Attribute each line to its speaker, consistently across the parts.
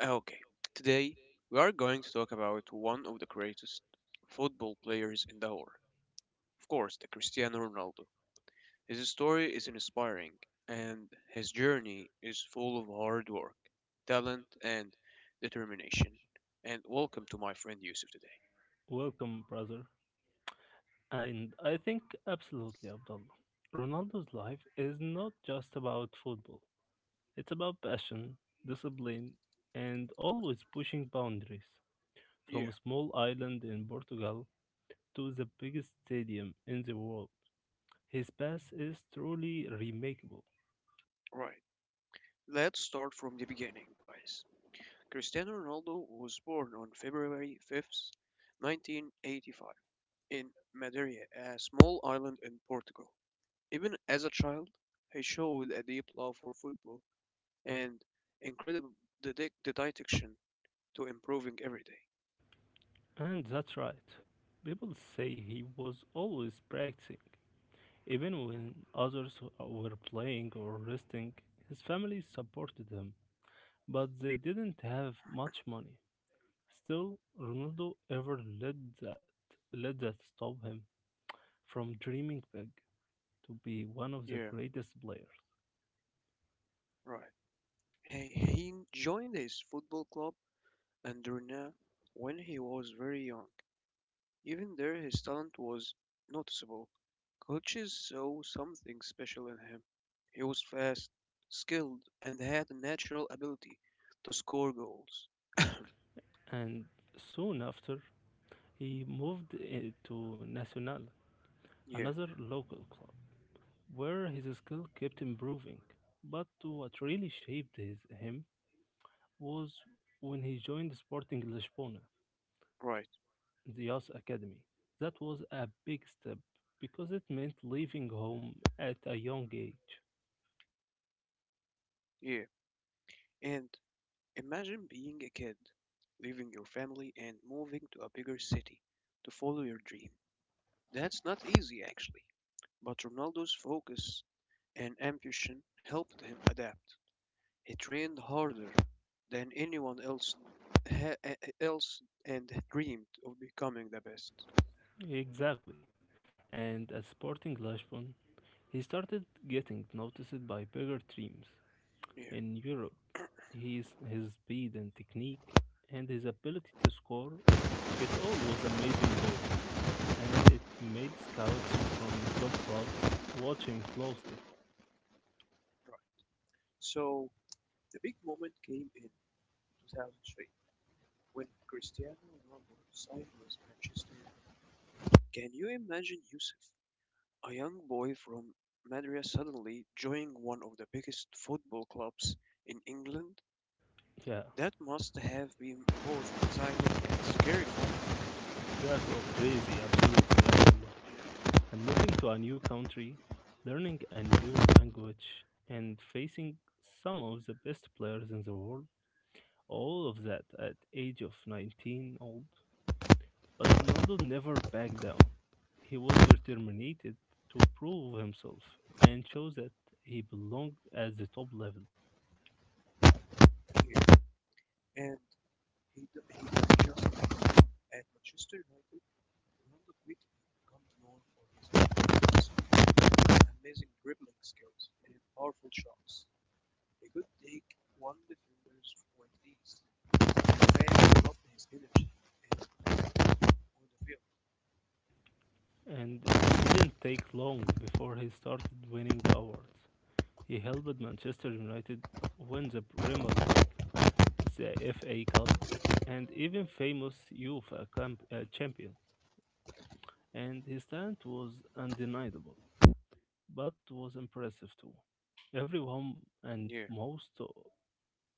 Speaker 1: Okay, today we are going to talk about one of the greatest football players in the world. Of course, the Cristiano Ronaldo. His story is inspiring, and his journey is full of hard work, talent, and determination. And welcome to my friend Yusuf today.
Speaker 2: Welcome, brother. And I think absolutely, Abdullah. Ronaldo's life is not just about football, it's about passion, discipline, and always pushing boundaries.
Speaker 1: Yeah,
Speaker 2: From a small island in Portugal to the biggest stadium in the world, his pass is truly remarkable.
Speaker 1: right. Let's start from the beginning, guys. Cristiano Ronaldo was born on February 5th, 1985 in Madeira, a small island in Portugal. Even as a child, he showed a deep love for football and incredible dedication to improving every day.
Speaker 2: And that's right. People say he was always practicing. Even when others were playing or resting, his family supported him, but they didn't have much money. Still, Ronaldo ever let that that stop him from dreaming big to be one of the
Speaker 1: Yeah,
Speaker 2: greatest players.
Speaker 1: right. He joined his football club Andorna when he was very young. Even there, his talent was noticeable. Coaches saw something special in him. He was fast, skilled, and had a natural ability to score goals.
Speaker 2: And soon after, he moved to Nacional,
Speaker 1: Yeah,
Speaker 2: another local club, where his skill kept improving. But what really shaped him was when he joined Sporting Lisbona,
Speaker 1: right.
Speaker 2: the youth academy. That was a big step because it meant leaving home at a young age.
Speaker 1: Yeah, and imagine being a kid, leaving your family and moving to a bigger city to follow your dream. That's not easy, actually. But Ronaldo's focus and ambition helped him adapt. He trained harder than anyone else, ha- eh, else and dreamed of becoming the best.
Speaker 2: Exactly. And at Sporting Lisbon, he started getting noticed by bigger teams
Speaker 1: Yeah,
Speaker 2: in Europe. His speed and technique and his ability to score, it all was amazing goals. And it made scouts from top clubs watch him closely.
Speaker 1: right. So the big moment came in 2003 when Cristiano Ronaldo signed with Manchester United. Can you imagine Yusuf? A young boy from Madras suddenly joining one of the biggest football clubs in England,
Speaker 2: Yeah,
Speaker 1: that must have been both exciting and scary
Speaker 2: that was crazy, absolutely, Abdullah. And moving to a new country, learning a new language, and facing some of the best players in the world, all of that at age of 19 old. But Ronaldo never backed down. He was determined to prove himself and show that he belonged at the top level.
Speaker 1: to hear. And he didn't just excel at Manchester United. Ronaldo quickly became known for his athleticism, amazing dribbling skills, and powerful shots. He could take one defender's with ease. The fans loved his energy and on the field.
Speaker 2: And it didn't take long before he started winning awards. He helped Manchester United win the Premier League, the FA Cup, and even famous champions. And his talent was undeniable, but was impressive too. Everyone and
Speaker 1: Yeah,
Speaker 2: most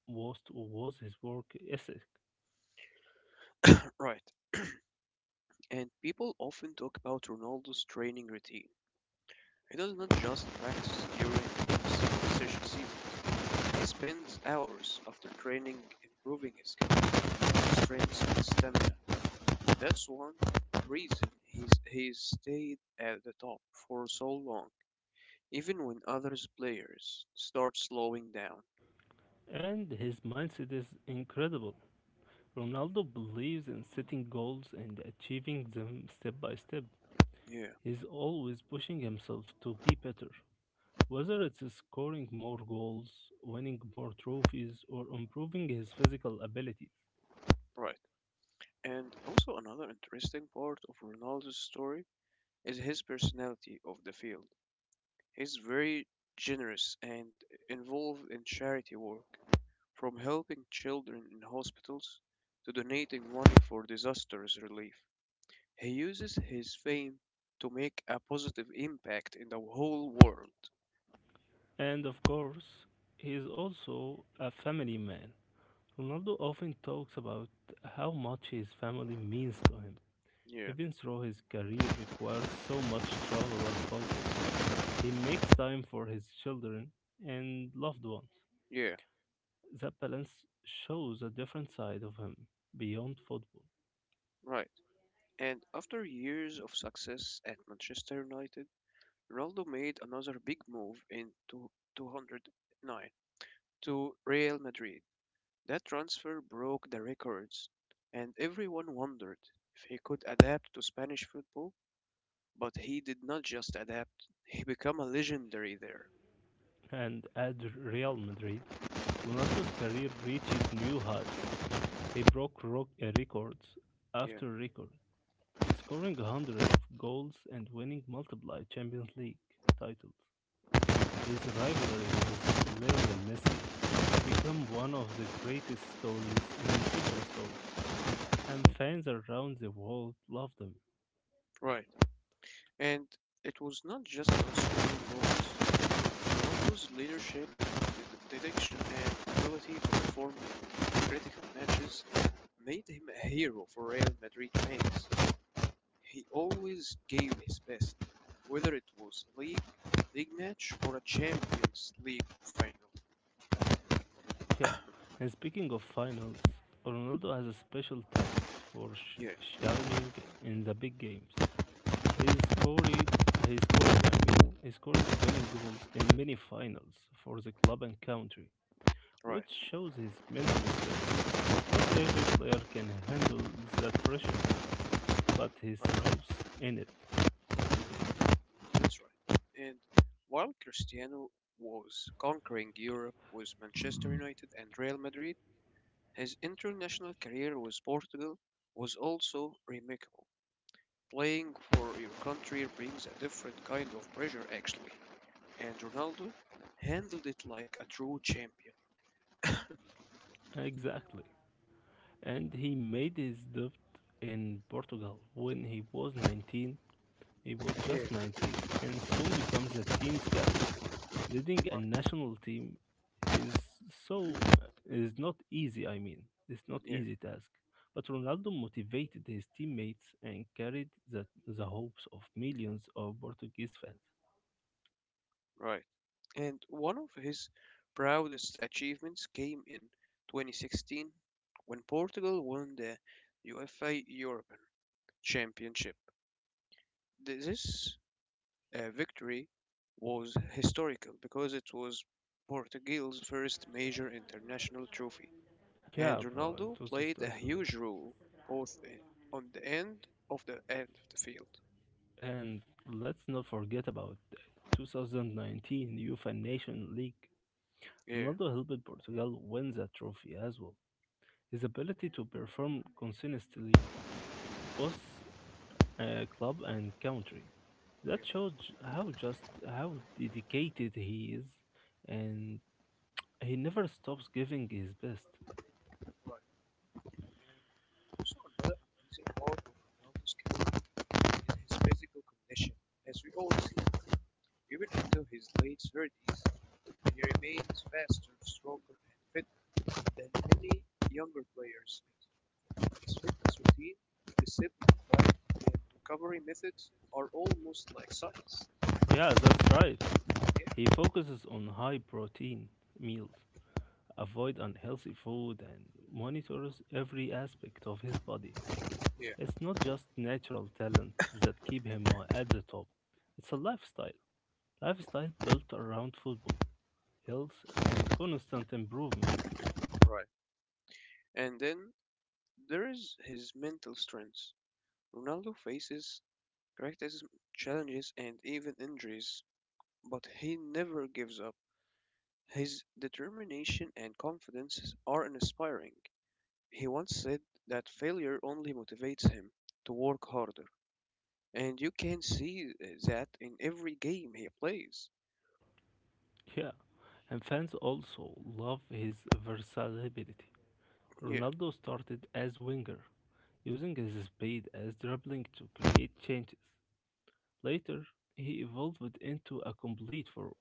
Speaker 2: was his work ethic,
Speaker 1: right. And people often talk about Ronaldo's training routine. He does not just practice during his decision seasons. He spends hours after training improving his skills, strength, and stamina. That's one reason he's stayed at the top for so long, even when others players start slowing down.
Speaker 2: and his mindset is incredible. Ronaldo believes in setting goals and achieving them step by step.
Speaker 1: Yeah,
Speaker 2: He's always pushing himself to be better, whether it's scoring more goals, winning more trophies, or improving his physical abilities.
Speaker 1: right. And also another interesting part of Ronaldo's story is his personality of the field. He's very generous and involved in charity work, from helping children in hospitals to donating money for disasters relief. He uses his fame to make a positive impact in the whole world.
Speaker 2: And of course, he is also a family man. Ronaldo often talks about how much his family means to him.
Speaker 1: Yeah,
Speaker 2: Even though his career requires so much travel and focus, he makes time for his children and loved ones.
Speaker 1: yeah,
Speaker 2: That balance shows a different side of him beyond football.
Speaker 1: right. And after years of success at Manchester United, Ronaldo made another big move in 2009 to Real Madrid. That transfer broke the records, and everyone wondered if he could adapt to Spanish football, but he did not just adapt, he became a legendary there.
Speaker 2: And at Real Madrid, Ronaldo's career reached new heights. He broke records
Speaker 1: Yeah,
Speaker 2: after record and scoring a hundred of goals and winning multiple Champions League titles. His rivalry with Lionel Messi became one of the greatest stories in football story, and fans around the world love them.
Speaker 1: right. And it was not just about scoring goals. Ronaldo's leadership, dedication, and ability to perform in critical matches made him a hero for Real Madrid fans. He always gave his best, whether it was league, league match, or a Champions League final.
Speaker 2: Yeah, and speaking of finals, Ronaldo has a special talent for
Speaker 1: Yeah,
Speaker 2: shining in the big games. He scored he scored winning goals in many finals for the club and country, which
Speaker 1: right,
Speaker 2: shows his mental strength. Not every player can handle that pressure, but he
Speaker 1: right,
Speaker 2: thrives in it.
Speaker 1: that's right. And while Cristiano was conquering Europe with Manchester United and Real Madrid, his international career with Portugal was also remarkable. Playing for your country brings a different kind of pressure, actually, and Ronaldo handled it like a true champion.
Speaker 2: Exactly. And he made his debut in Portugal when he was 19. He was
Speaker 1: Yeah,
Speaker 2: just 19 and soon becomes the team's captain. Leading a
Speaker 1: right.
Speaker 2: national team is so is not easy, It's not
Speaker 1: Yeah,
Speaker 2: easy task. But Ronaldo motivated his teammates and carried the hopes of millions of Portuguese fans.
Speaker 1: right. And one of his proudest achievements came in 2016 when Portugal won the UEFA European Championship. This victory was historical because it was Portugal's first major international trophy, and
Speaker 2: Yeah, bro, it
Speaker 1: Ronaldo
Speaker 2: was
Speaker 1: played a
Speaker 2: historical, yeah.
Speaker 1: huge role both on the end of the field.
Speaker 2: And let's not forget about 2019 UEFA Nation League.
Speaker 1: Yeah.
Speaker 2: Ronaldo helped Portugal win the trophy as well. His ability to perform consistently both club and country.
Speaker 1: Yeah,
Speaker 2: That shows how dedicated he is, and he never stops giving his best.
Speaker 1: right. And also another amazing part of Ronaldo's career in his physical condition, as we all see, even into his late thirties, he remains faster, stronger, and fitter than many younger players. His fitness routine, discipline, diet, and recovery methods are almost like science.
Speaker 2: Yeah, that's right. He
Speaker 1: Yeah,
Speaker 2: focuses on high protein meals, avoid unhealthy food, and monitors every aspect of his body.
Speaker 1: yeah,
Speaker 2: It's not just natural talent that keep him at the top. It's a lifestyle. Lifestyle built around football, health, and constant improvement.
Speaker 1: right. And then there is his mental strength. Ronaldo faces criticism, challenges, and even injuries, but he never gives up. His determination and confidence are inspiring. He once said that failure only motivates him to work harder, and you can see that in every game he plays.
Speaker 2: Yeah, and fans also love his versatility.
Speaker 1: Yeah,
Speaker 2: Ronaldo started as winger, using his speed as dribbling to create changes. Later, he evolved into a complete forward,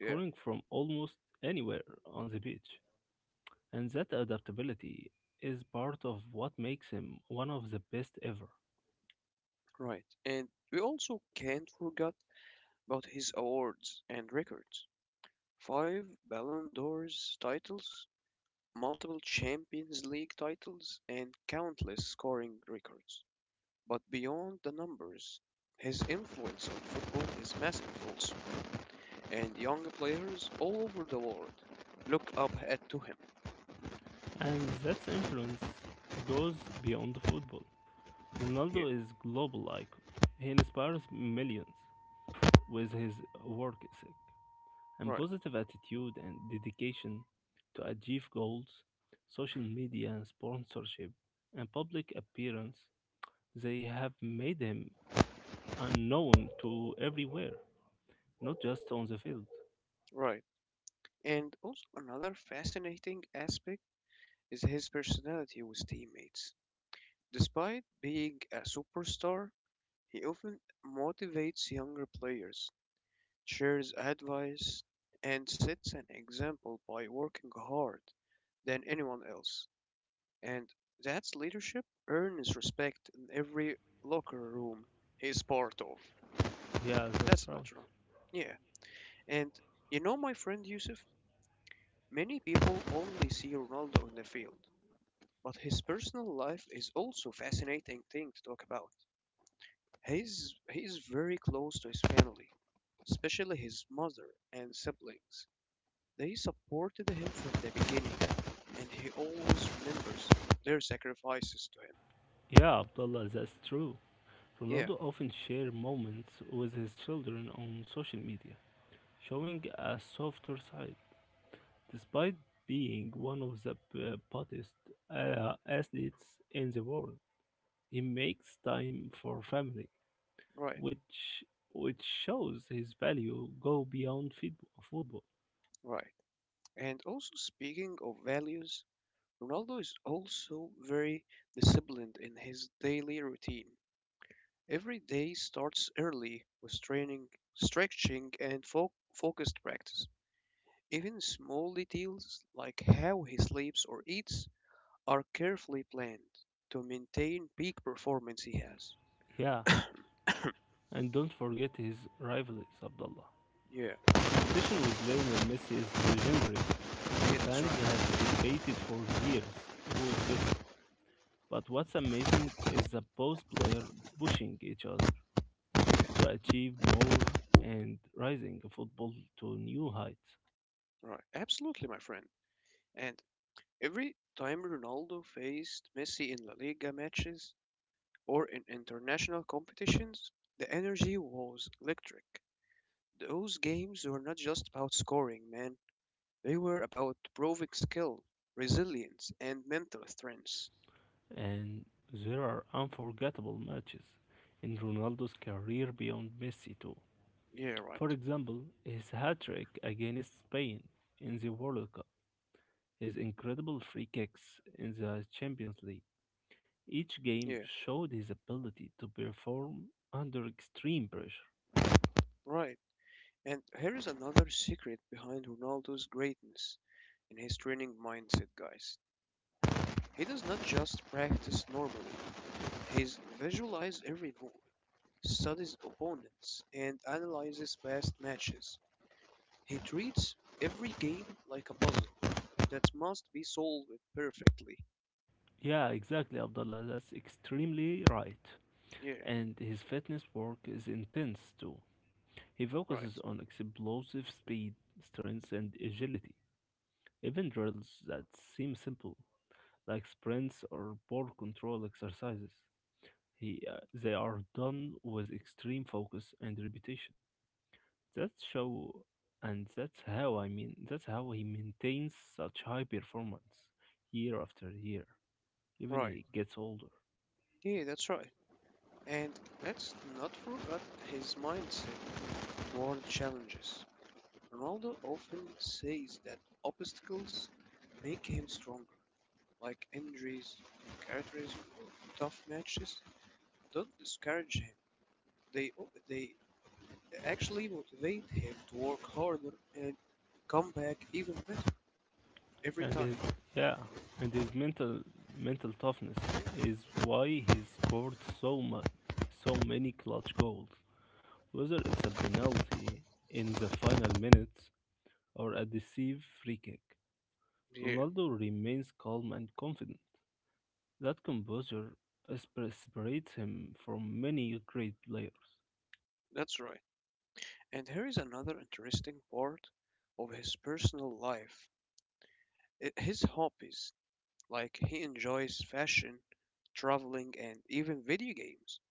Speaker 1: yeah,
Speaker 2: from almost anywhere on the pitch. And that adaptability is part of what makes him one of the best ever.
Speaker 1: right. And we also can't forget about his awards and records. Five Ballon d'Ors titles, multiple Champions League titles, and countless scoring records. But beyond the numbers, his influence on football is massive also. And young players all over the world look up at to him.
Speaker 2: And that influence goes beyond football. Ronaldo
Speaker 1: Yeah,
Speaker 2: is global icon. He inspires millions with his work ethic and
Speaker 1: right,
Speaker 2: positive attitude and dedication to achieve goals, social media sponsorship, and public appearance, they have made him unknown to everywhere, not just on the field.
Speaker 1: right. And also another fascinating aspect is his personality with teammates. Despite being a superstar, he often motivates younger players, shares advice, and sets an example by working hard than anyone else. And that's leadership earns respect in every locker room he is part of.
Speaker 2: Yeah, that's
Speaker 1: That's
Speaker 2: right.
Speaker 1: about right. Yeah, and you know, my friend Yusuf, many people only see Ronaldo on the field, but his personal life is also fascinating thing to talk about. He's very close to his family, especially his mother and siblings. They supported him from the beginning, and he always remembers their sacrifices to him.
Speaker 2: Yeah, Abdullah, that's true.
Speaker 1: Yeah,
Speaker 2: Ronaldo often shares moments with his children on social media, showing a softer side despite being one of the hottest athletes in the world. He makes time for family,
Speaker 1: right,
Speaker 2: which which shows his value go beyond football.
Speaker 1: right. And also speaking of values, Ronaldo is also very disciplined in his daily routine. Every day starts early with training, stretching, and focused practice. Even small details like how he sleeps or eats are carefully planned to maintain peak performance he has.
Speaker 2: Yeah, and don't forget his rivalries, Abdullah.
Speaker 1: Yeah,
Speaker 2: His competition with Lionel Messi is legendary.
Speaker 1: yeah, that's
Speaker 2: Fans
Speaker 1: right.
Speaker 2: have debated for years who is better. But what's amazing is the both players pushing each other to achieve more and rising football to new heights.
Speaker 1: Right, absolutely, my friend. And every time Ronaldo faced Messi in La Liga matches or in international competitions, the energy was electric. Those games were not just about scoring, man. They were about proving skill, resilience, and mental strength.
Speaker 2: And there are unforgettable matches in Ronaldo's career beyond Messi, too.
Speaker 1: Yeah, right.
Speaker 2: For example, his hat trick against Spain in the World Cup, his incredible free kicks in the Champions League. Each game
Speaker 1: Yeah,
Speaker 2: showed his ability to perform under extreme pressure.
Speaker 1: right. And here is another secret behind Ronaldo's greatness in his training mindset, guys. He does not just practice normally, he visualizes every move, studies opponents, and analyzes past matches. He treats every game like a puzzle that must be solved perfectly.
Speaker 2: Yeah, exactly, Abdullah. That's extremely right.
Speaker 1: Yeah,
Speaker 2: And his fitness work is intense too. He
Speaker 1: right,
Speaker 2: focuses on explosive speed, strength, and agility. Even drills that seem simple, like sprints or ball control exercises, they are done with extreme focus and repetition. That's show, and that's how I mean. That's how he maintains such high performance year after year, even
Speaker 1: right.
Speaker 2: he gets older.
Speaker 1: Yeah, that's right. And let's not forget his mindset toward challenges. Ronaldo often says that obstacles make him stronger, like injuries, characterism, or tough matches. Don't discourage him. They they actually motivate him to work harder and come back even better every
Speaker 2: and
Speaker 1: time.
Speaker 2: his yeah and his mental toughness is why he scored so many clutch goals, whether it's a penalty in the final minutes or a deceive free kick.
Speaker 1: Yeah,
Speaker 2: Ronaldo remains calm and confident. That composure is- separates him from many great players.
Speaker 1: that's right. And here is another interesting part of his personal life. His hobbies. Like he enjoys fashion, traveling, and even video games.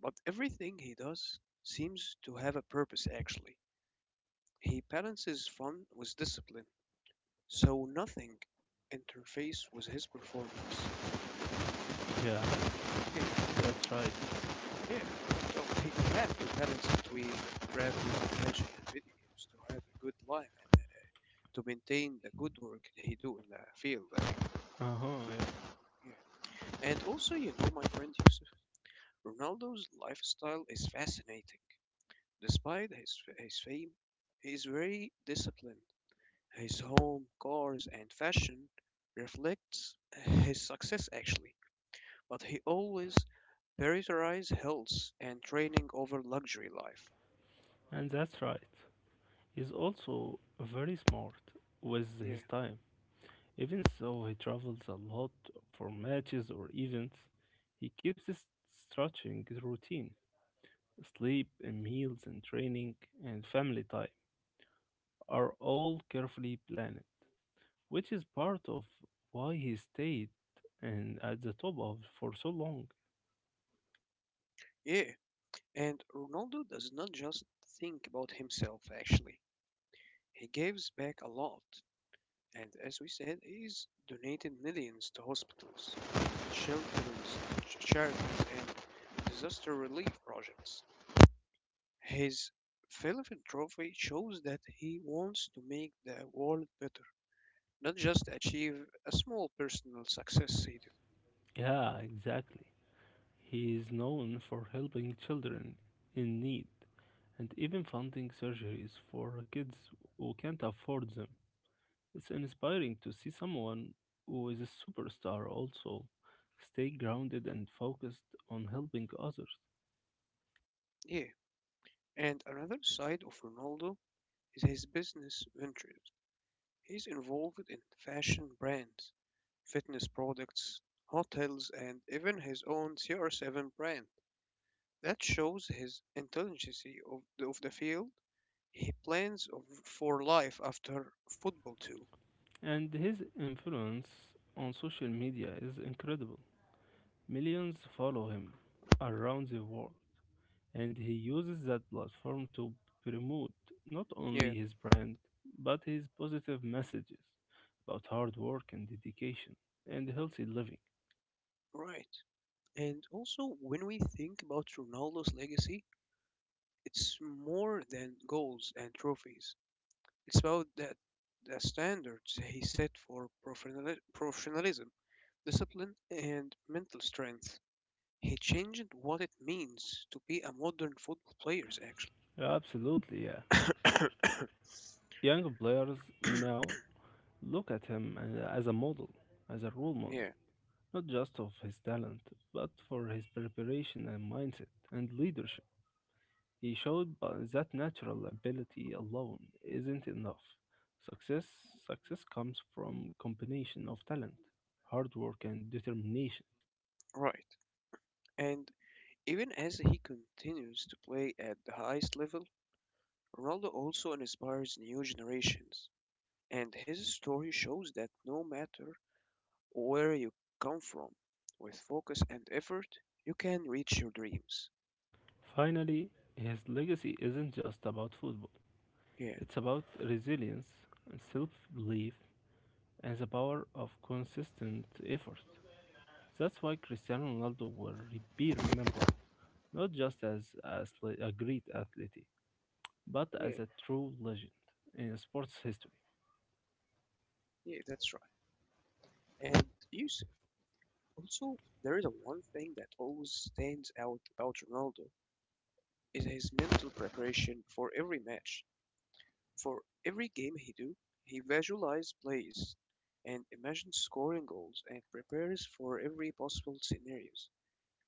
Speaker 1: But everything he does seems to have a purpose actually. He balances fun with discipline, so nothing interferes with his performance.
Speaker 2: Yeah,
Speaker 1: Yeah,
Speaker 2: that's right. Yeah.
Speaker 1: yeah. So he has to balance between traveling, passion, and video games to have a good life and to maintain the good work he do in the field. Like,
Speaker 2: Uh-huh. Yeah.
Speaker 1: yeah. And also, you know, my friend Yusuf, Ronaldo's lifestyle is fascinating. Despite his fame, he is very disciplined. His home, cars, and fashion reflects his success actually, but he always prioritizes health and training over luxury life.
Speaker 2: And that's right, he's also very smart with
Speaker 1: Yeah,
Speaker 2: his time. Even so, he travels a lot for matches or events. He keeps his stretching routine. Sleep and meals and training and family time are all carefully planned, which is part of why he stayed and at the top of for so long.
Speaker 1: yeah. And Ronaldo does not just think about himself actually. He gives back a lot, and as we said, he's donated millions to hospitals, shelters, charities, and disaster relief projects. His philanthropy shows that he wants to make the world better, not just achieve a small personal success sado.
Speaker 2: Yeah, exactly. He is known for helping children in need and even funding surgeries for kids who can't afford them. It's inspiring to see someone who is a superstar also stay grounded and focused on helping others.
Speaker 1: Yeah, and another side of Ronaldo is his business ventures. He's involved in fashion brands, fitness products, hotels, and even his own CR7 brand. That shows his intelligence of the field. He plans of, for life after football too.
Speaker 2: And his influence on social media is incredible. Millions follow him around the world, and he uses that platform to promote not
Speaker 1: Yeah,
Speaker 2: only his brand but his positive messages about hard work and dedication and healthy living.
Speaker 1: right. And also, when we think about Ronaldo's legacy, it's more than goals and trophies. It's about that the standards he set for professionalism, discipline, and mental strength. He changed what it means to be a modern football player,
Speaker 2: Absolutely, yeah.
Speaker 1: actually.
Speaker 2: Young players now look at him as a model, as a role
Speaker 1: yeah,
Speaker 2: model, not just of his talent, but for his preparation and mindset and leadership. He showed that natural ability alone isn't enough. Success success comes from combination of talent, hard work and determination.
Speaker 1: right. And even as he continues to play at the highest level, Ronaldo also inspires new generations. And his story shows that no matter where you come from. With focus and effort, you can reach your dreams.
Speaker 2: Finally, his legacy isn't just about football.
Speaker 1: Yeah,
Speaker 2: It's about resilience and self-belief and the power of consistent effort. That's why Cristiano Ronaldo will be remembered not just as a great athlete, but
Speaker 1: yeah,
Speaker 2: as a true legend in sports history.
Speaker 1: yeah, that's right. And Yusuf, also, there is a one thing that always stands out about Ronaldo is his mental preparation for every match. For every game he do, he visualizes plays and imagines scoring goals and prepares for every possible scenarios.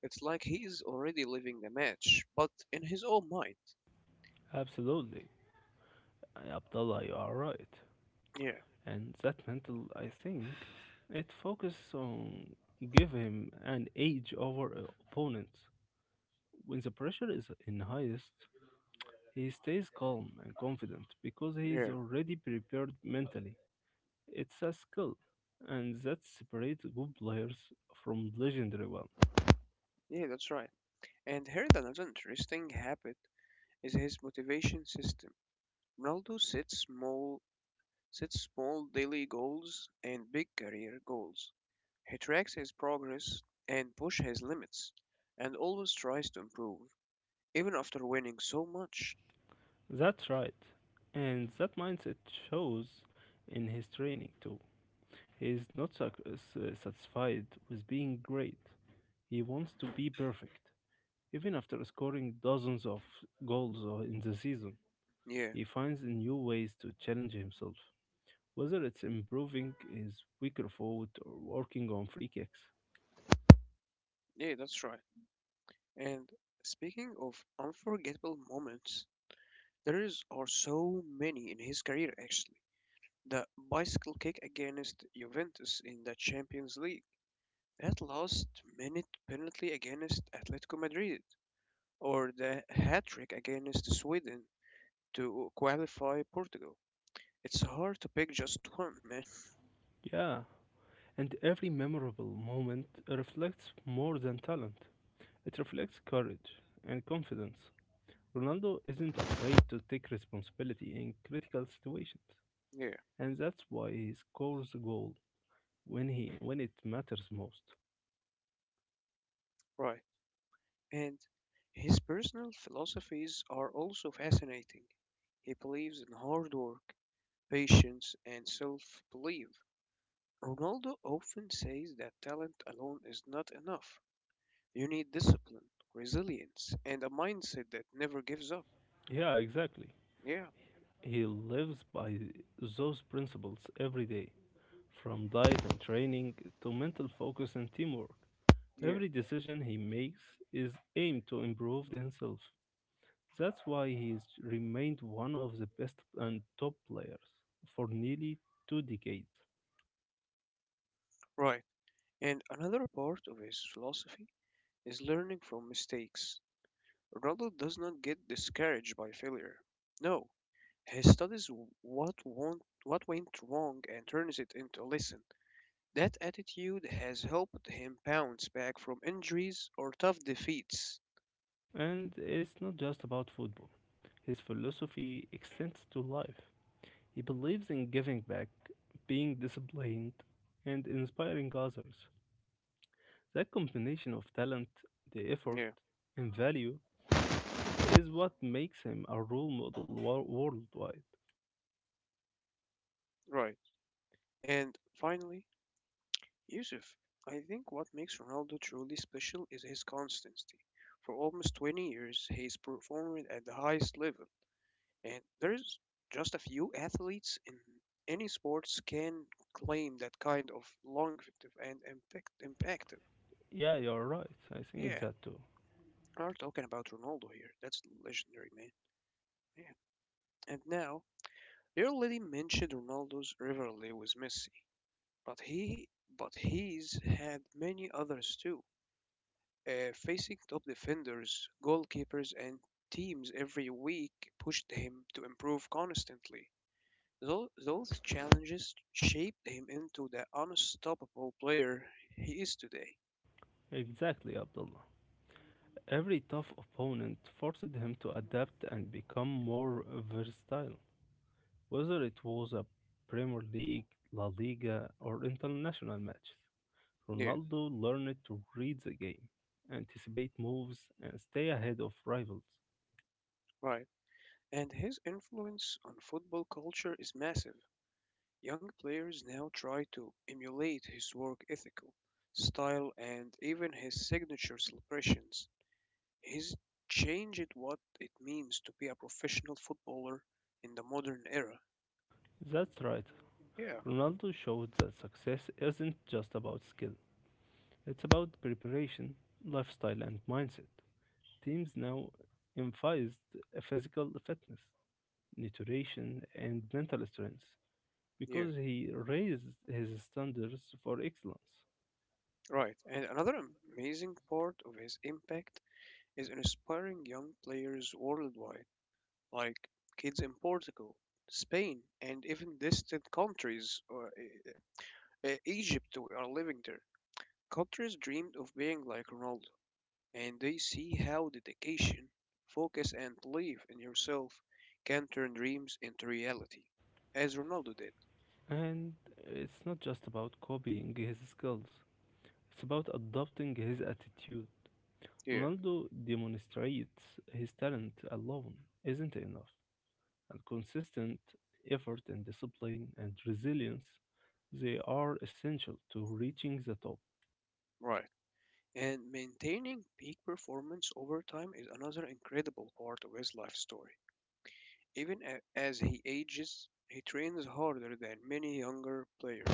Speaker 1: It's like he is already living the match, but in his own mind.
Speaker 2: Absolutely, Abdullah, you are right.
Speaker 1: Yeah,
Speaker 2: And that mental, I think, it focuses on give him an edge over opponents. When the pressure is in highest, he stays calm and confident because he is
Speaker 1: yeah,
Speaker 2: already prepared mentally. It's a skill, and that separates good players from legendary ones.
Speaker 1: yeah, that's right. And here's another interesting habit is his motivation system. Ronaldo sets small daily goals and big career goals. He tracks his progress and push his limits and always tries to improve even after winning so much.
Speaker 2: That's right, and that mindset shows in his training too. He is not satisfied with being great, he wants to be perfect. Even after scoring dozens of goals in the season, he
Speaker 1: Yeah,
Speaker 2: finds new ways to challenge himself, whether it's improving his weaker forward or working on free kicks.
Speaker 1: yeah, that's right. And speaking of unforgettable moments, there is are so many in his career actually. The bicycle kick against Juventus in the Champions League. That last-minute penalty against Atletico Madrid, or the hat-trick against Sweden to qualify Portugal. It's hard to pick just one, man.
Speaker 2: Yeah, and every memorable moment reflects more than talent. It reflects courage and confidence. Ronaldo isn't afraid to take responsibility in critical situations,
Speaker 1: Yeah,
Speaker 2: and that's why he scores a goal when it matters most.
Speaker 1: right. And his personal philosophies are also fascinating. He believes in hard work, patience, and self-belief. Ronaldo often says that talent alone is not enough. You need discipline, resilience, and a mindset that never gives up.
Speaker 2: Yeah, exactly.
Speaker 1: Yeah,
Speaker 2: He lives by those principles every day, from diet and training to mental focus and teamwork.
Speaker 1: yeah,
Speaker 2: Every decision he makes is aimed to improve himself. That's why he's remained one of the best and top players for nearly 2 decades.
Speaker 1: right. And another part of his philosophy is learning from mistakes. Rodel does not get discouraged by failure. No, he studies what went wrong and turns it into a lesson. That attitude has helped him bounce back from injuries or tough defeats.
Speaker 2: And it's not just about football. His philosophy extends to life. He believes in giving back, being disciplined, and inspiring others. That combination of talent, the effort,
Speaker 1: Yeah,
Speaker 2: and value is what makes him a role model worldwide.
Speaker 1: right. And finally, Yusuf. I think what makes Ronaldo truly special is his constancy. For almost 20 years, he's performed at the highest level, and there's just a few athletes in any sports can claim that kind of longevity and impact impactive.
Speaker 2: Yeah, you're right. I think
Speaker 1: Yeah,
Speaker 2: that too.
Speaker 1: we're talking about Ronaldo here. That's legendary, man. Yeah. And now, you already mentioned Ronaldo's rivalry with Messi, but he but he's had many others too, facing top defenders, goalkeepers, and teams every week pushed him to improve constantly. Those challenges shaped him into the unstoppable player he is today.
Speaker 2: Exactly, Abdullah. Every tough opponent forced him to adapt and become more versatile, whether it was a Premier League, La Liga, or international matches.
Speaker 1: Yeah,
Speaker 2: Ronaldo learned to read the game, anticipate moves, and stay ahead of rivals.
Speaker 1: right. And his influence on football culture is massive. Young players now try to emulate his work ethical, style, and even his signature celebrations. He's changed what it means to be a professional footballer in the modern era.
Speaker 2: That's right.
Speaker 1: Yeah,
Speaker 2: Ronaldo showed that success isn't just about skill, it's about preparation, lifestyle, and mindset. Teams now emphasized physical fitness, nutrition, and mental strength
Speaker 1: yeah,
Speaker 2: because he raised his standards for excellence.
Speaker 1: right. And another amazing part of his impact is inspiring young players worldwide, like kids in Portugal, Spain, and even distant countries, or Egypt, we are living there. Countries dreamed of being like Ronaldo, and they see how dedication, focus, and belief in yourself can turn dreams into reality, as Ronaldo did.
Speaker 2: And it's not just about copying his skills, it's about adopting his attitude.
Speaker 1: Yeah,
Speaker 2: Ronaldo demonstrates his talent alone isn't enough, and consistent effort and discipline and resilience they are essential to reaching the top.
Speaker 1: right. And maintaining peak performance over time is another incredible part of his life story. Even as he ages, he trains harder than many younger players.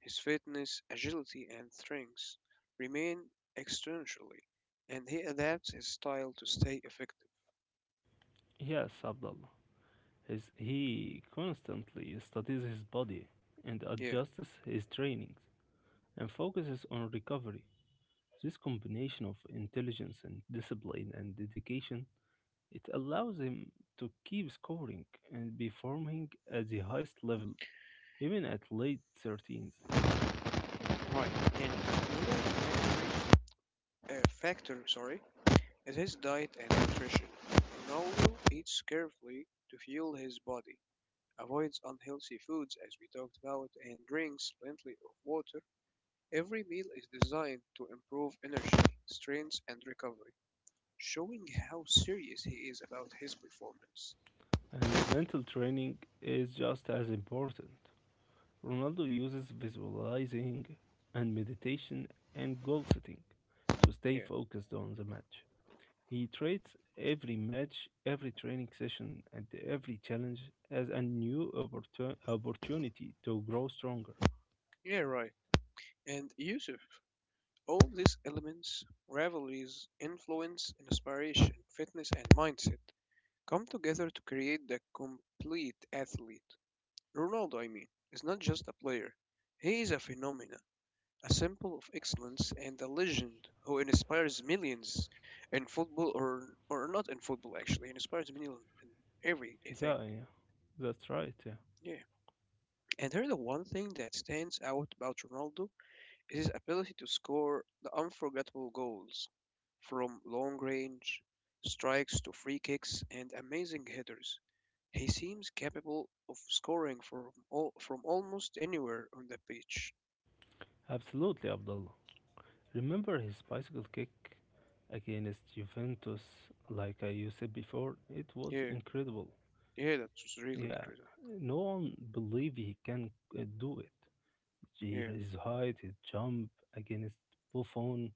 Speaker 1: His fitness, agility, and strength remain externally, and he adapts his style to stay effective.
Speaker 2: Yes, Abdullah. His, he constantly studies his body and
Speaker 1: Yeah,
Speaker 2: adjusts his trainings and focuses on recovery. This combination of intelligence and discipline and dedication it allows him to keep scoring and performing at the highest level even at late 13s.
Speaker 1: right. And another factor, sorry, is his diet and nutrition. Ronaldo eats carefully to fuel his body, avoids unhealthy foods as we talked about, and drinks plenty of water. Every meal is designed to improve energy, strength, and recovery, showing how serious he is about his performance.
Speaker 2: And mental training is just as important. Ronaldo uses visualizing and meditation and goal setting to stay
Speaker 1: Yeah,
Speaker 2: focused on the match. He treats every match, every training session, and every challenge as a new opportunity to grow stronger.
Speaker 1: yeah, right. And Yusuf, all these elements, rivalries, influence, inspiration, fitness, and mindset, come together to create the complete athlete. Ronaldo, I mean, is not just a player, he is a phenomenon, a symbol of excellence and a legend who inspires millions in football or not in football, actually he inspires millions in
Speaker 2: Yeah,
Speaker 1: everything.
Speaker 2: yeah, that's right. Yeah,
Speaker 1: Yeah, and here the one thing that stands out about Ronaldo is his ability to score the unforgettable goals from long range strikes to free kicks and amazing headers. He seems capable of scoring from all, from almost anywhere on the pitch.
Speaker 2: absolutely, Abdullah. Remember his bicycle kick against Juventus, like I said before? It was
Speaker 1: Yeah,
Speaker 2: incredible.
Speaker 1: yeah, that's really
Speaker 2: Yeah,
Speaker 1: incredible.
Speaker 2: no one believed he can do it.
Speaker 1: Yeah,
Speaker 2: His height, his jump against Buffon,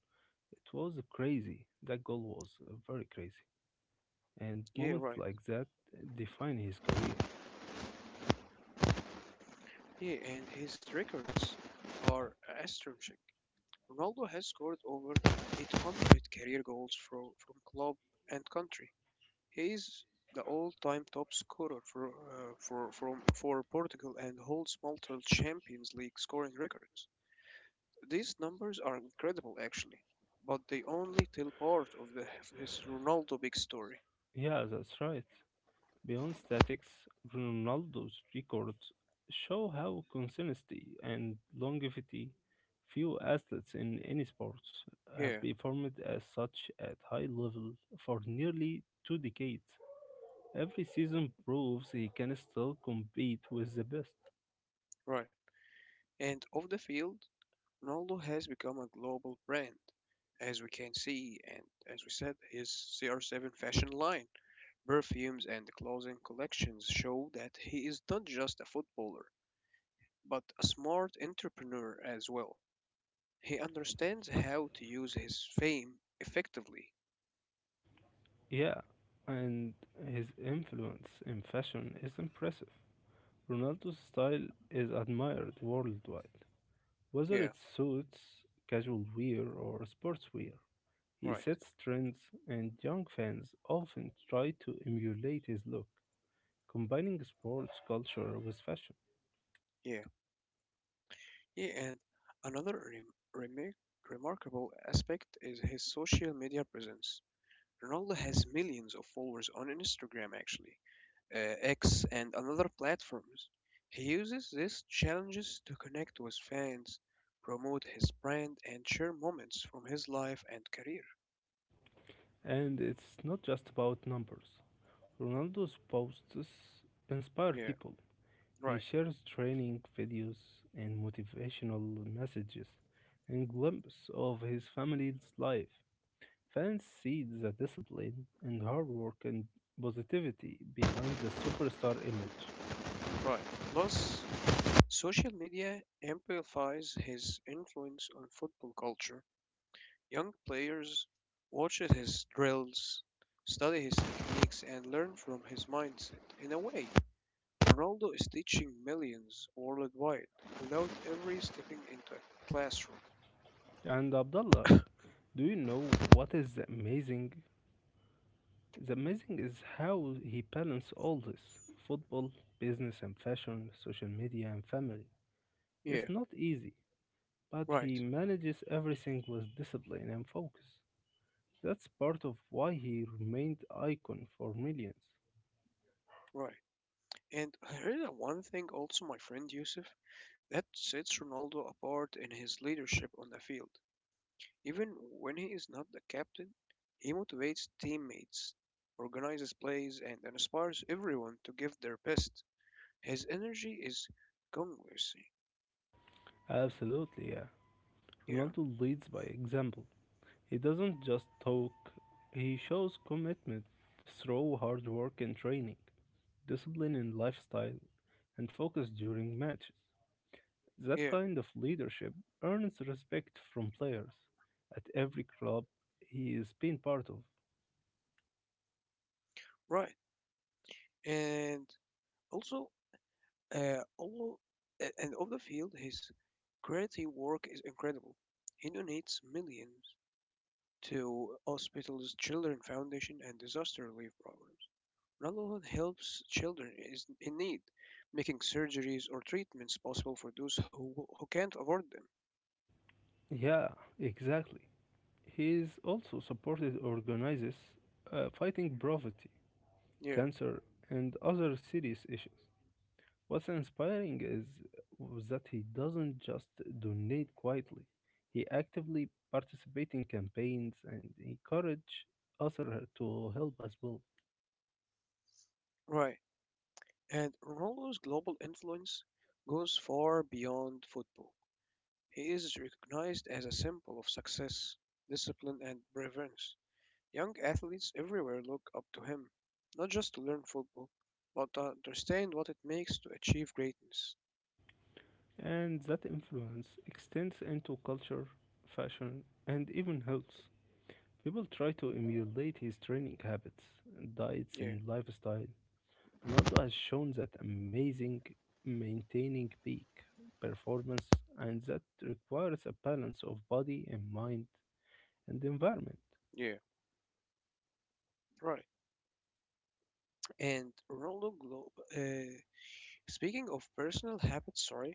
Speaker 2: it was crazy. That goal was very crazy. And
Speaker 1: yeah,
Speaker 2: moments
Speaker 1: right.
Speaker 2: like that define his career.
Speaker 1: Yeah, and his records are astonishing. Ronaldo has scored over 800 career goals for, from club and country. He is the all-time top scorer for, from, for Portugal and holds multiple Champions League scoring records. These numbers are incredible, actually, but they only tell part of the his Ronaldo big story.
Speaker 2: Yeah, that's right. Beyond statics, Ronaldo's records show how consistency and longevity few athletes in any sports have
Speaker 1: Yeah,
Speaker 2: performed as such at high level for nearly two decades. Every season proves he can still compete with the best.
Speaker 1: right. And off the field, Ronaldo has become a global brand, as we can see, and as we said, his CR7 fashion line, perfumes, and clothing collections show that he is not just a footballer, but a smart entrepreneur as well. He understands how to use his fame effectively.
Speaker 2: Yeah, and his influence in fashion is impressive. Ronaldo's style is admired worldwide, whether
Speaker 1: Yeah,
Speaker 2: it's suits, casual wear, or sportswear. He
Speaker 1: right.
Speaker 2: sets trends, and young fans often try to emulate his look, combining sports culture with fashion.
Speaker 1: Yeah. Yeah, and another remarkable aspect is his social media presence. Ronaldo has millions of followers on Instagram actually, X, and another platforms. He uses these challenges to connect with fans, promote his brand, and share moments from his life and career.
Speaker 2: And it's not just about numbers. Ronaldo's posts inspire
Speaker 1: Yeah,
Speaker 2: people. He
Speaker 1: right,
Speaker 2: shares training videos and motivational messages and glimpses of his family's life. Fans see the discipline and hard work and positivity behind the superstar image.
Speaker 1: right. Plus, social media amplifies his influence on football culture. Young players watch his drills, study his techniques, and learn from his mindset. In a way, Ronaldo is teaching millions worldwide without ever stepping into a classroom.
Speaker 2: And Abdullah, do you know what is the amazing? The amazing is how he balanced all this football, business and fashion, social media and family.
Speaker 1: Yeah,
Speaker 2: It's not easy, but
Speaker 1: right,
Speaker 2: he manages everything with discipline and focus. That's part of why he remained icon for millions.
Speaker 1: right. And I read that one thing also, my friend Yusuf, that sets Ronaldo apart in his leadership on the field. Even when he is not the captain, he motivates teammates, organizes plays, and inspires everyone to give their best. His energy is contagious.
Speaker 2: Absolutely, yeah.
Speaker 1: Yeah,
Speaker 2: Ronaldo leads by example. He doesn't just talk, he shows commitment through hard work and training, discipline in lifestyle, and focus during matches. That
Speaker 1: yeah,
Speaker 2: kind of leadership earns respect from players at every club he has been part of.
Speaker 1: right. And also, all and off the field, his charity work is incredible. He donates millions to hospitals, children foundation, and disaster relief programs. Ramadan helps children is in need, making surgeries or treatments possible for those who can't afford them.
Speaker 2: Yeah, exactly. He is also supported organizes fighting poverty,
Speaker 1: Yeah,
Speaker 2: cancer, and other serious issues. What's inspiring is was that he doesn't just donate quietly. He actively participates in campaigns and encourage others to help as well.
Speaker 1: right. And Ronaldo's global influence goes far beyond football. He is recognized as a symbol of success, discipline, and brilliance. Young athletes everywhere look up to him, not just to learn football, but to understand what it makes to achieve greatness.
Speaker 2: And that influence extends into culture, fashion, and even health. People try to emulate his training habits, diets,
Speaker 1: Yeah.
Speaker 2: and lifestyle. Ronaldo has shown that amazing maintaining peak performance, and that requires a balance of body and mind and the environment.
Speaker 1: Yeah. Right. And Ronaldo Globe. Speaking of personal habits, sorry,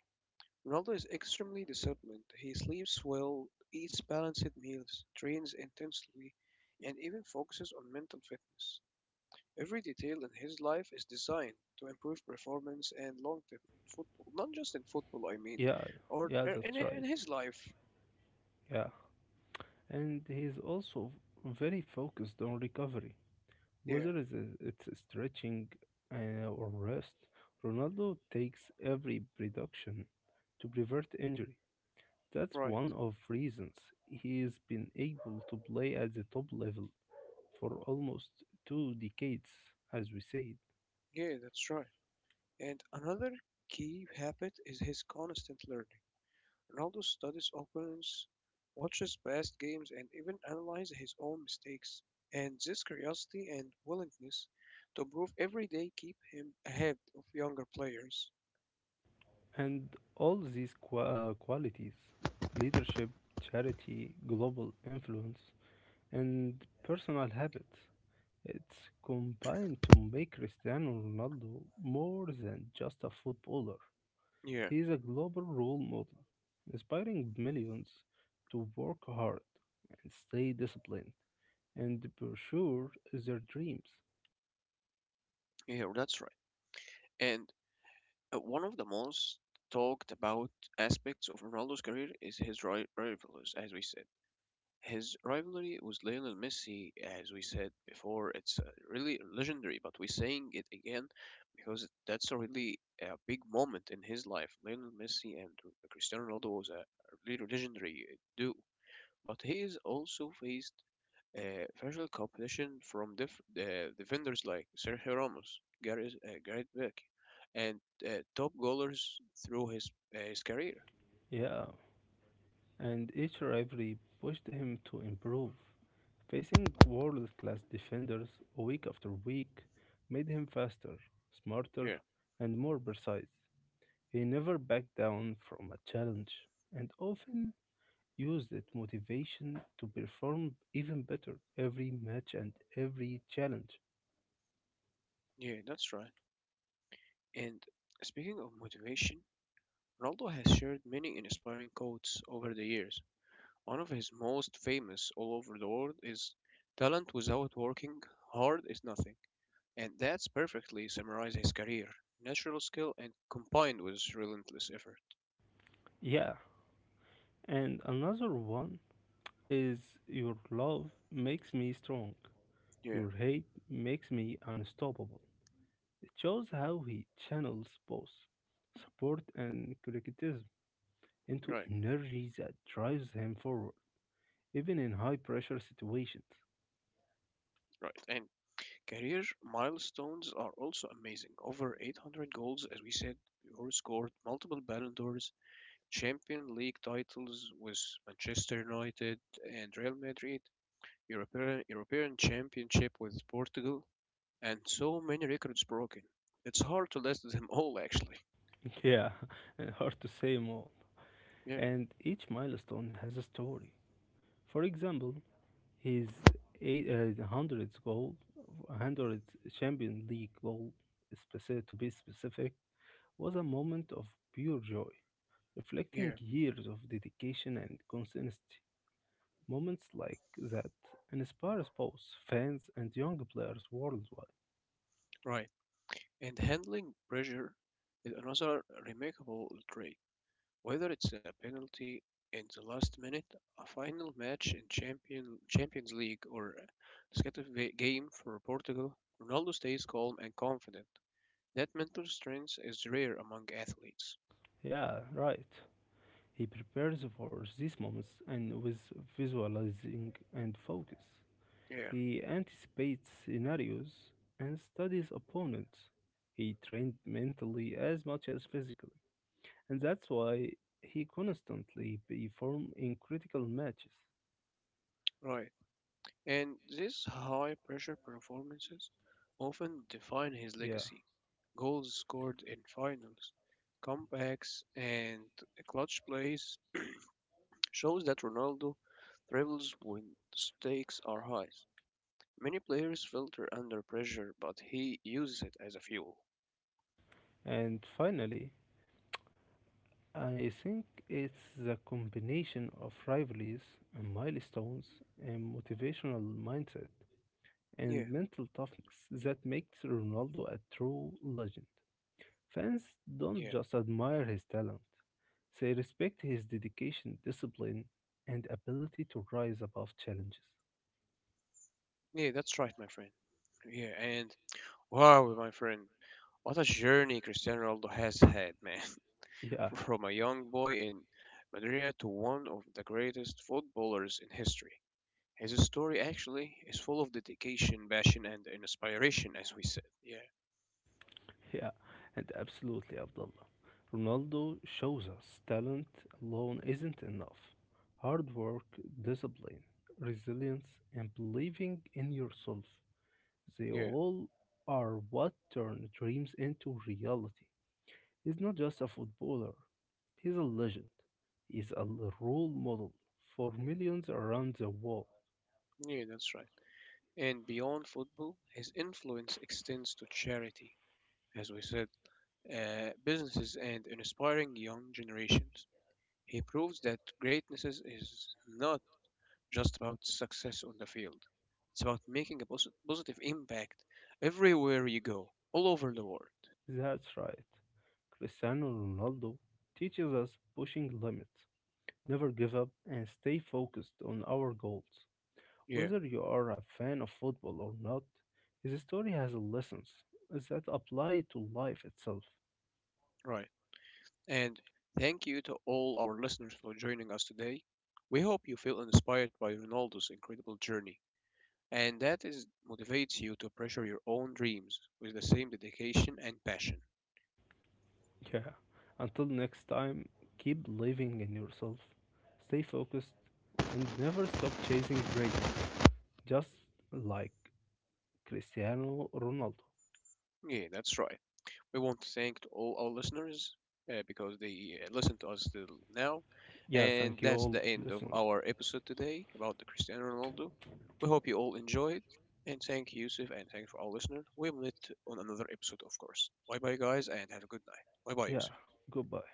Speaker 1: Ronaldo is extremely disciplined. He sleeps well, eats balanced meals, trains intensely, and even focuses on mental fitness. Every detail in his life is designed to improve performance and longevity in football. Not just in football, I mean,
Speaker 2: Yeah,
Speaker 1: or
Speaker 2: yeah,
Speaker 1: or
Speaker 2: that's
Speaker 1: in
Speaker 2: right.
Speaker 1: his life.
Speaker 2: Yeah, and he's also very focused on recovery,
Speaker 1: Yeah,
Speaker 2: whether it's stretching or rest. Ronaldo takes every precaution to prevent injury. That's
Speaker 1: right.
Speaker 2: one of reasons he's been able to play at the top level for almost two decades, as we said.
Speaker 1: Yeah, that's right. And another key habit is his constant learning. Ronaldo studies opponents, watches past games, and even analyzes his own mistakes. And this curiosity and willingness to improve every day keep him ahead of younger players.
Speaker 2: And all these qualities leadership, charity, global influence and personal habits. It's combined to make Cristiano Ronaldo more than just a footballer.
Speaker 1: Yeah,
Speaker 2: He is a global role model, inspiring millions to work hard and stay disciplined and pursue their dreams.
Speaker 1: yeah, that's right. And one of the most talked about aspects of Ronaldo's career is his rivalries, as we said. His rivalry with Lionel Messi, as we said before, it's really legendary, but we're saying it again because that's a really a big moment in his life. Lionel Messi and Cristiano Ronaldo was a really legendary duo, but he is also faced fierce competition from defenders like Sergio Ramos, Gareth, Gareth Bale, and top goalers through his career.
Speaker 2: Yeah, and each rivalry pushed him to improve. Facing world class defenders week after week made him faster, smarter,
Speaker 1: Yeah,
Speaker 2: and more precise. He never backed down from a challenge and often used that motivation to perform even better every match and every challenge.
Speaker 1: yeah, that's right. And speaking of motivation, Ronaldo has shared many inspiring quotes over the years. One of his most famous all over the world is, "Talent without working hard is nothing." And that's perfectly summarizes his career. Natural skill and combined with relentless effort.
Speaker 2: Yeah, and another one is Your love makes me strong,
Speaker 1: Yeah,
Speaker 2: your hate makes me unstoppable. It shows how he channels both support and criticism into
Speaker 1: right,
Speaker 2: energy that drives him forward, even in high pressure situations.
Speaker 1: right. And career milestones are also amazing. Over 800 goals, as we said before, scored multiple Ballon d'Ors, Champion League titles with Manchester United and Real Madrid, European, European Championship with Portugal, and so many records broken. It's hard to list them all, actually.
Speaker 2: Yeah, and hard to say more.
Speaker 1: Yeah,
Speaker 2: And each milestone has a story. For example, his 100th goal, 100th Champions League goal, to be specific, was a moment of pure joy, reflecting
Speaker 1: yeah,
Speaker 2: years of dedication and consistency. Moments like that inspires both fans and young players worldwide.
Speaker 1: right. And handling pressure is another remarkable trait. Whether it's a penalty in the last minute, a final match in Champion, Champions League, or a decisive game for Portugal, Ronaldo stays calm and confident. That mental strength is rare among athletes.
Speaker 2: Yeah, right. He prepares for these moments and with visualizing and focus.
Speaker 1: Yeah,
Speaker 2: He anticipates scenarios and studies opponents. He trained mentally as much as physically, and that's why he constantly perform in critical matches.
Speaker 1: right. And these high pressure performances often define his
Speaker 2: Yeah.
Speaker 1: legacy. Goals scored in finals, comebacks, and clutch plays shows that Ronaldo thrives when stakes are high. Many players filter under pressure, but he uses it as a fuel.
Speaker 2: And finally, I think it's the combination of rivalries and milestones and motivational mindset
Speaker 1: Yeah,
Speaker 2: and mental toughness that makes Ronaldo a true legend. Fans don't
Speaker 1: yeah,
Speaker 2: just admire his talent, they respect his dedication, discipline, and ability to rise above challenges.
Speaker 1: yeah, that's right, my friend. Yeah, and wow, my friend, what a journey Cristiano Ronaldo has had, man.
Speaker 2: Yeah,
Speaker 1: From a young boy in Madeira to one of the greatest footballers in history, his story actually is full of dedication, passion, and inspiration, as we said. Yeah,
Speaker 2: yeah, and absolutely, Abdullah. Ronaldo shows us talent alone isn't enough. Hard work, discipline, resilience, and believing in yourself, they
Speaker 1: yeah,
Speaker 2: all are what turn dreams into reality. He's not just a footballer, he's a legend. He's a role model for millions around the world.
Speaker 1: yeah, that's right. And beyond football, his influence extends to charity, as we said, businesses, and inspiring young generations. He proves that greatness is not just about success on the field. It's about making a positive impact everywhere you go, all over the world.
Speaker 2: That's right. Cristiano Ronaldo teaches us pushing limits, never give up, and stay focused on our goals.
Speaker 1: Yeah,
Speaker 2: Whether you are a fan of football or not, his story has lessons that apply to life itself.
Speaker 1: right. And thank you to all our listeners for joining us today. We hope you feel inspired by Ronaldo's incredible journey and that is motivates you to pressure your own dreams with the same dedication and passion.
Speaker 2: Yeah. Until next time, keep believing in yourself, stay focused, and never stop chasing greatness. Just like Cristiano Ronaldo.
Speaker 1: Yeah, that's right. We want to thank all our listeners because they listen to us till now.
Speaker 2: Yeah,
Speaker 1: And
Speaker 2: thank you
Speaker 1: that's
Speaker 2: all
Speaker 1: the end of
Speaker 2: listeners.
Speaker 1: our episode today about the Cristiano Ronaldo. We hope you all enjoyed. And thank you, Yusuf, and thanks for our listener. We'll meet on another episode, of course. Bye bye, guys, and have a good night. Bye bye,
Speaker 2: Yeah,
Speaker 1: Yusuf.
Speaker 2: goodbye.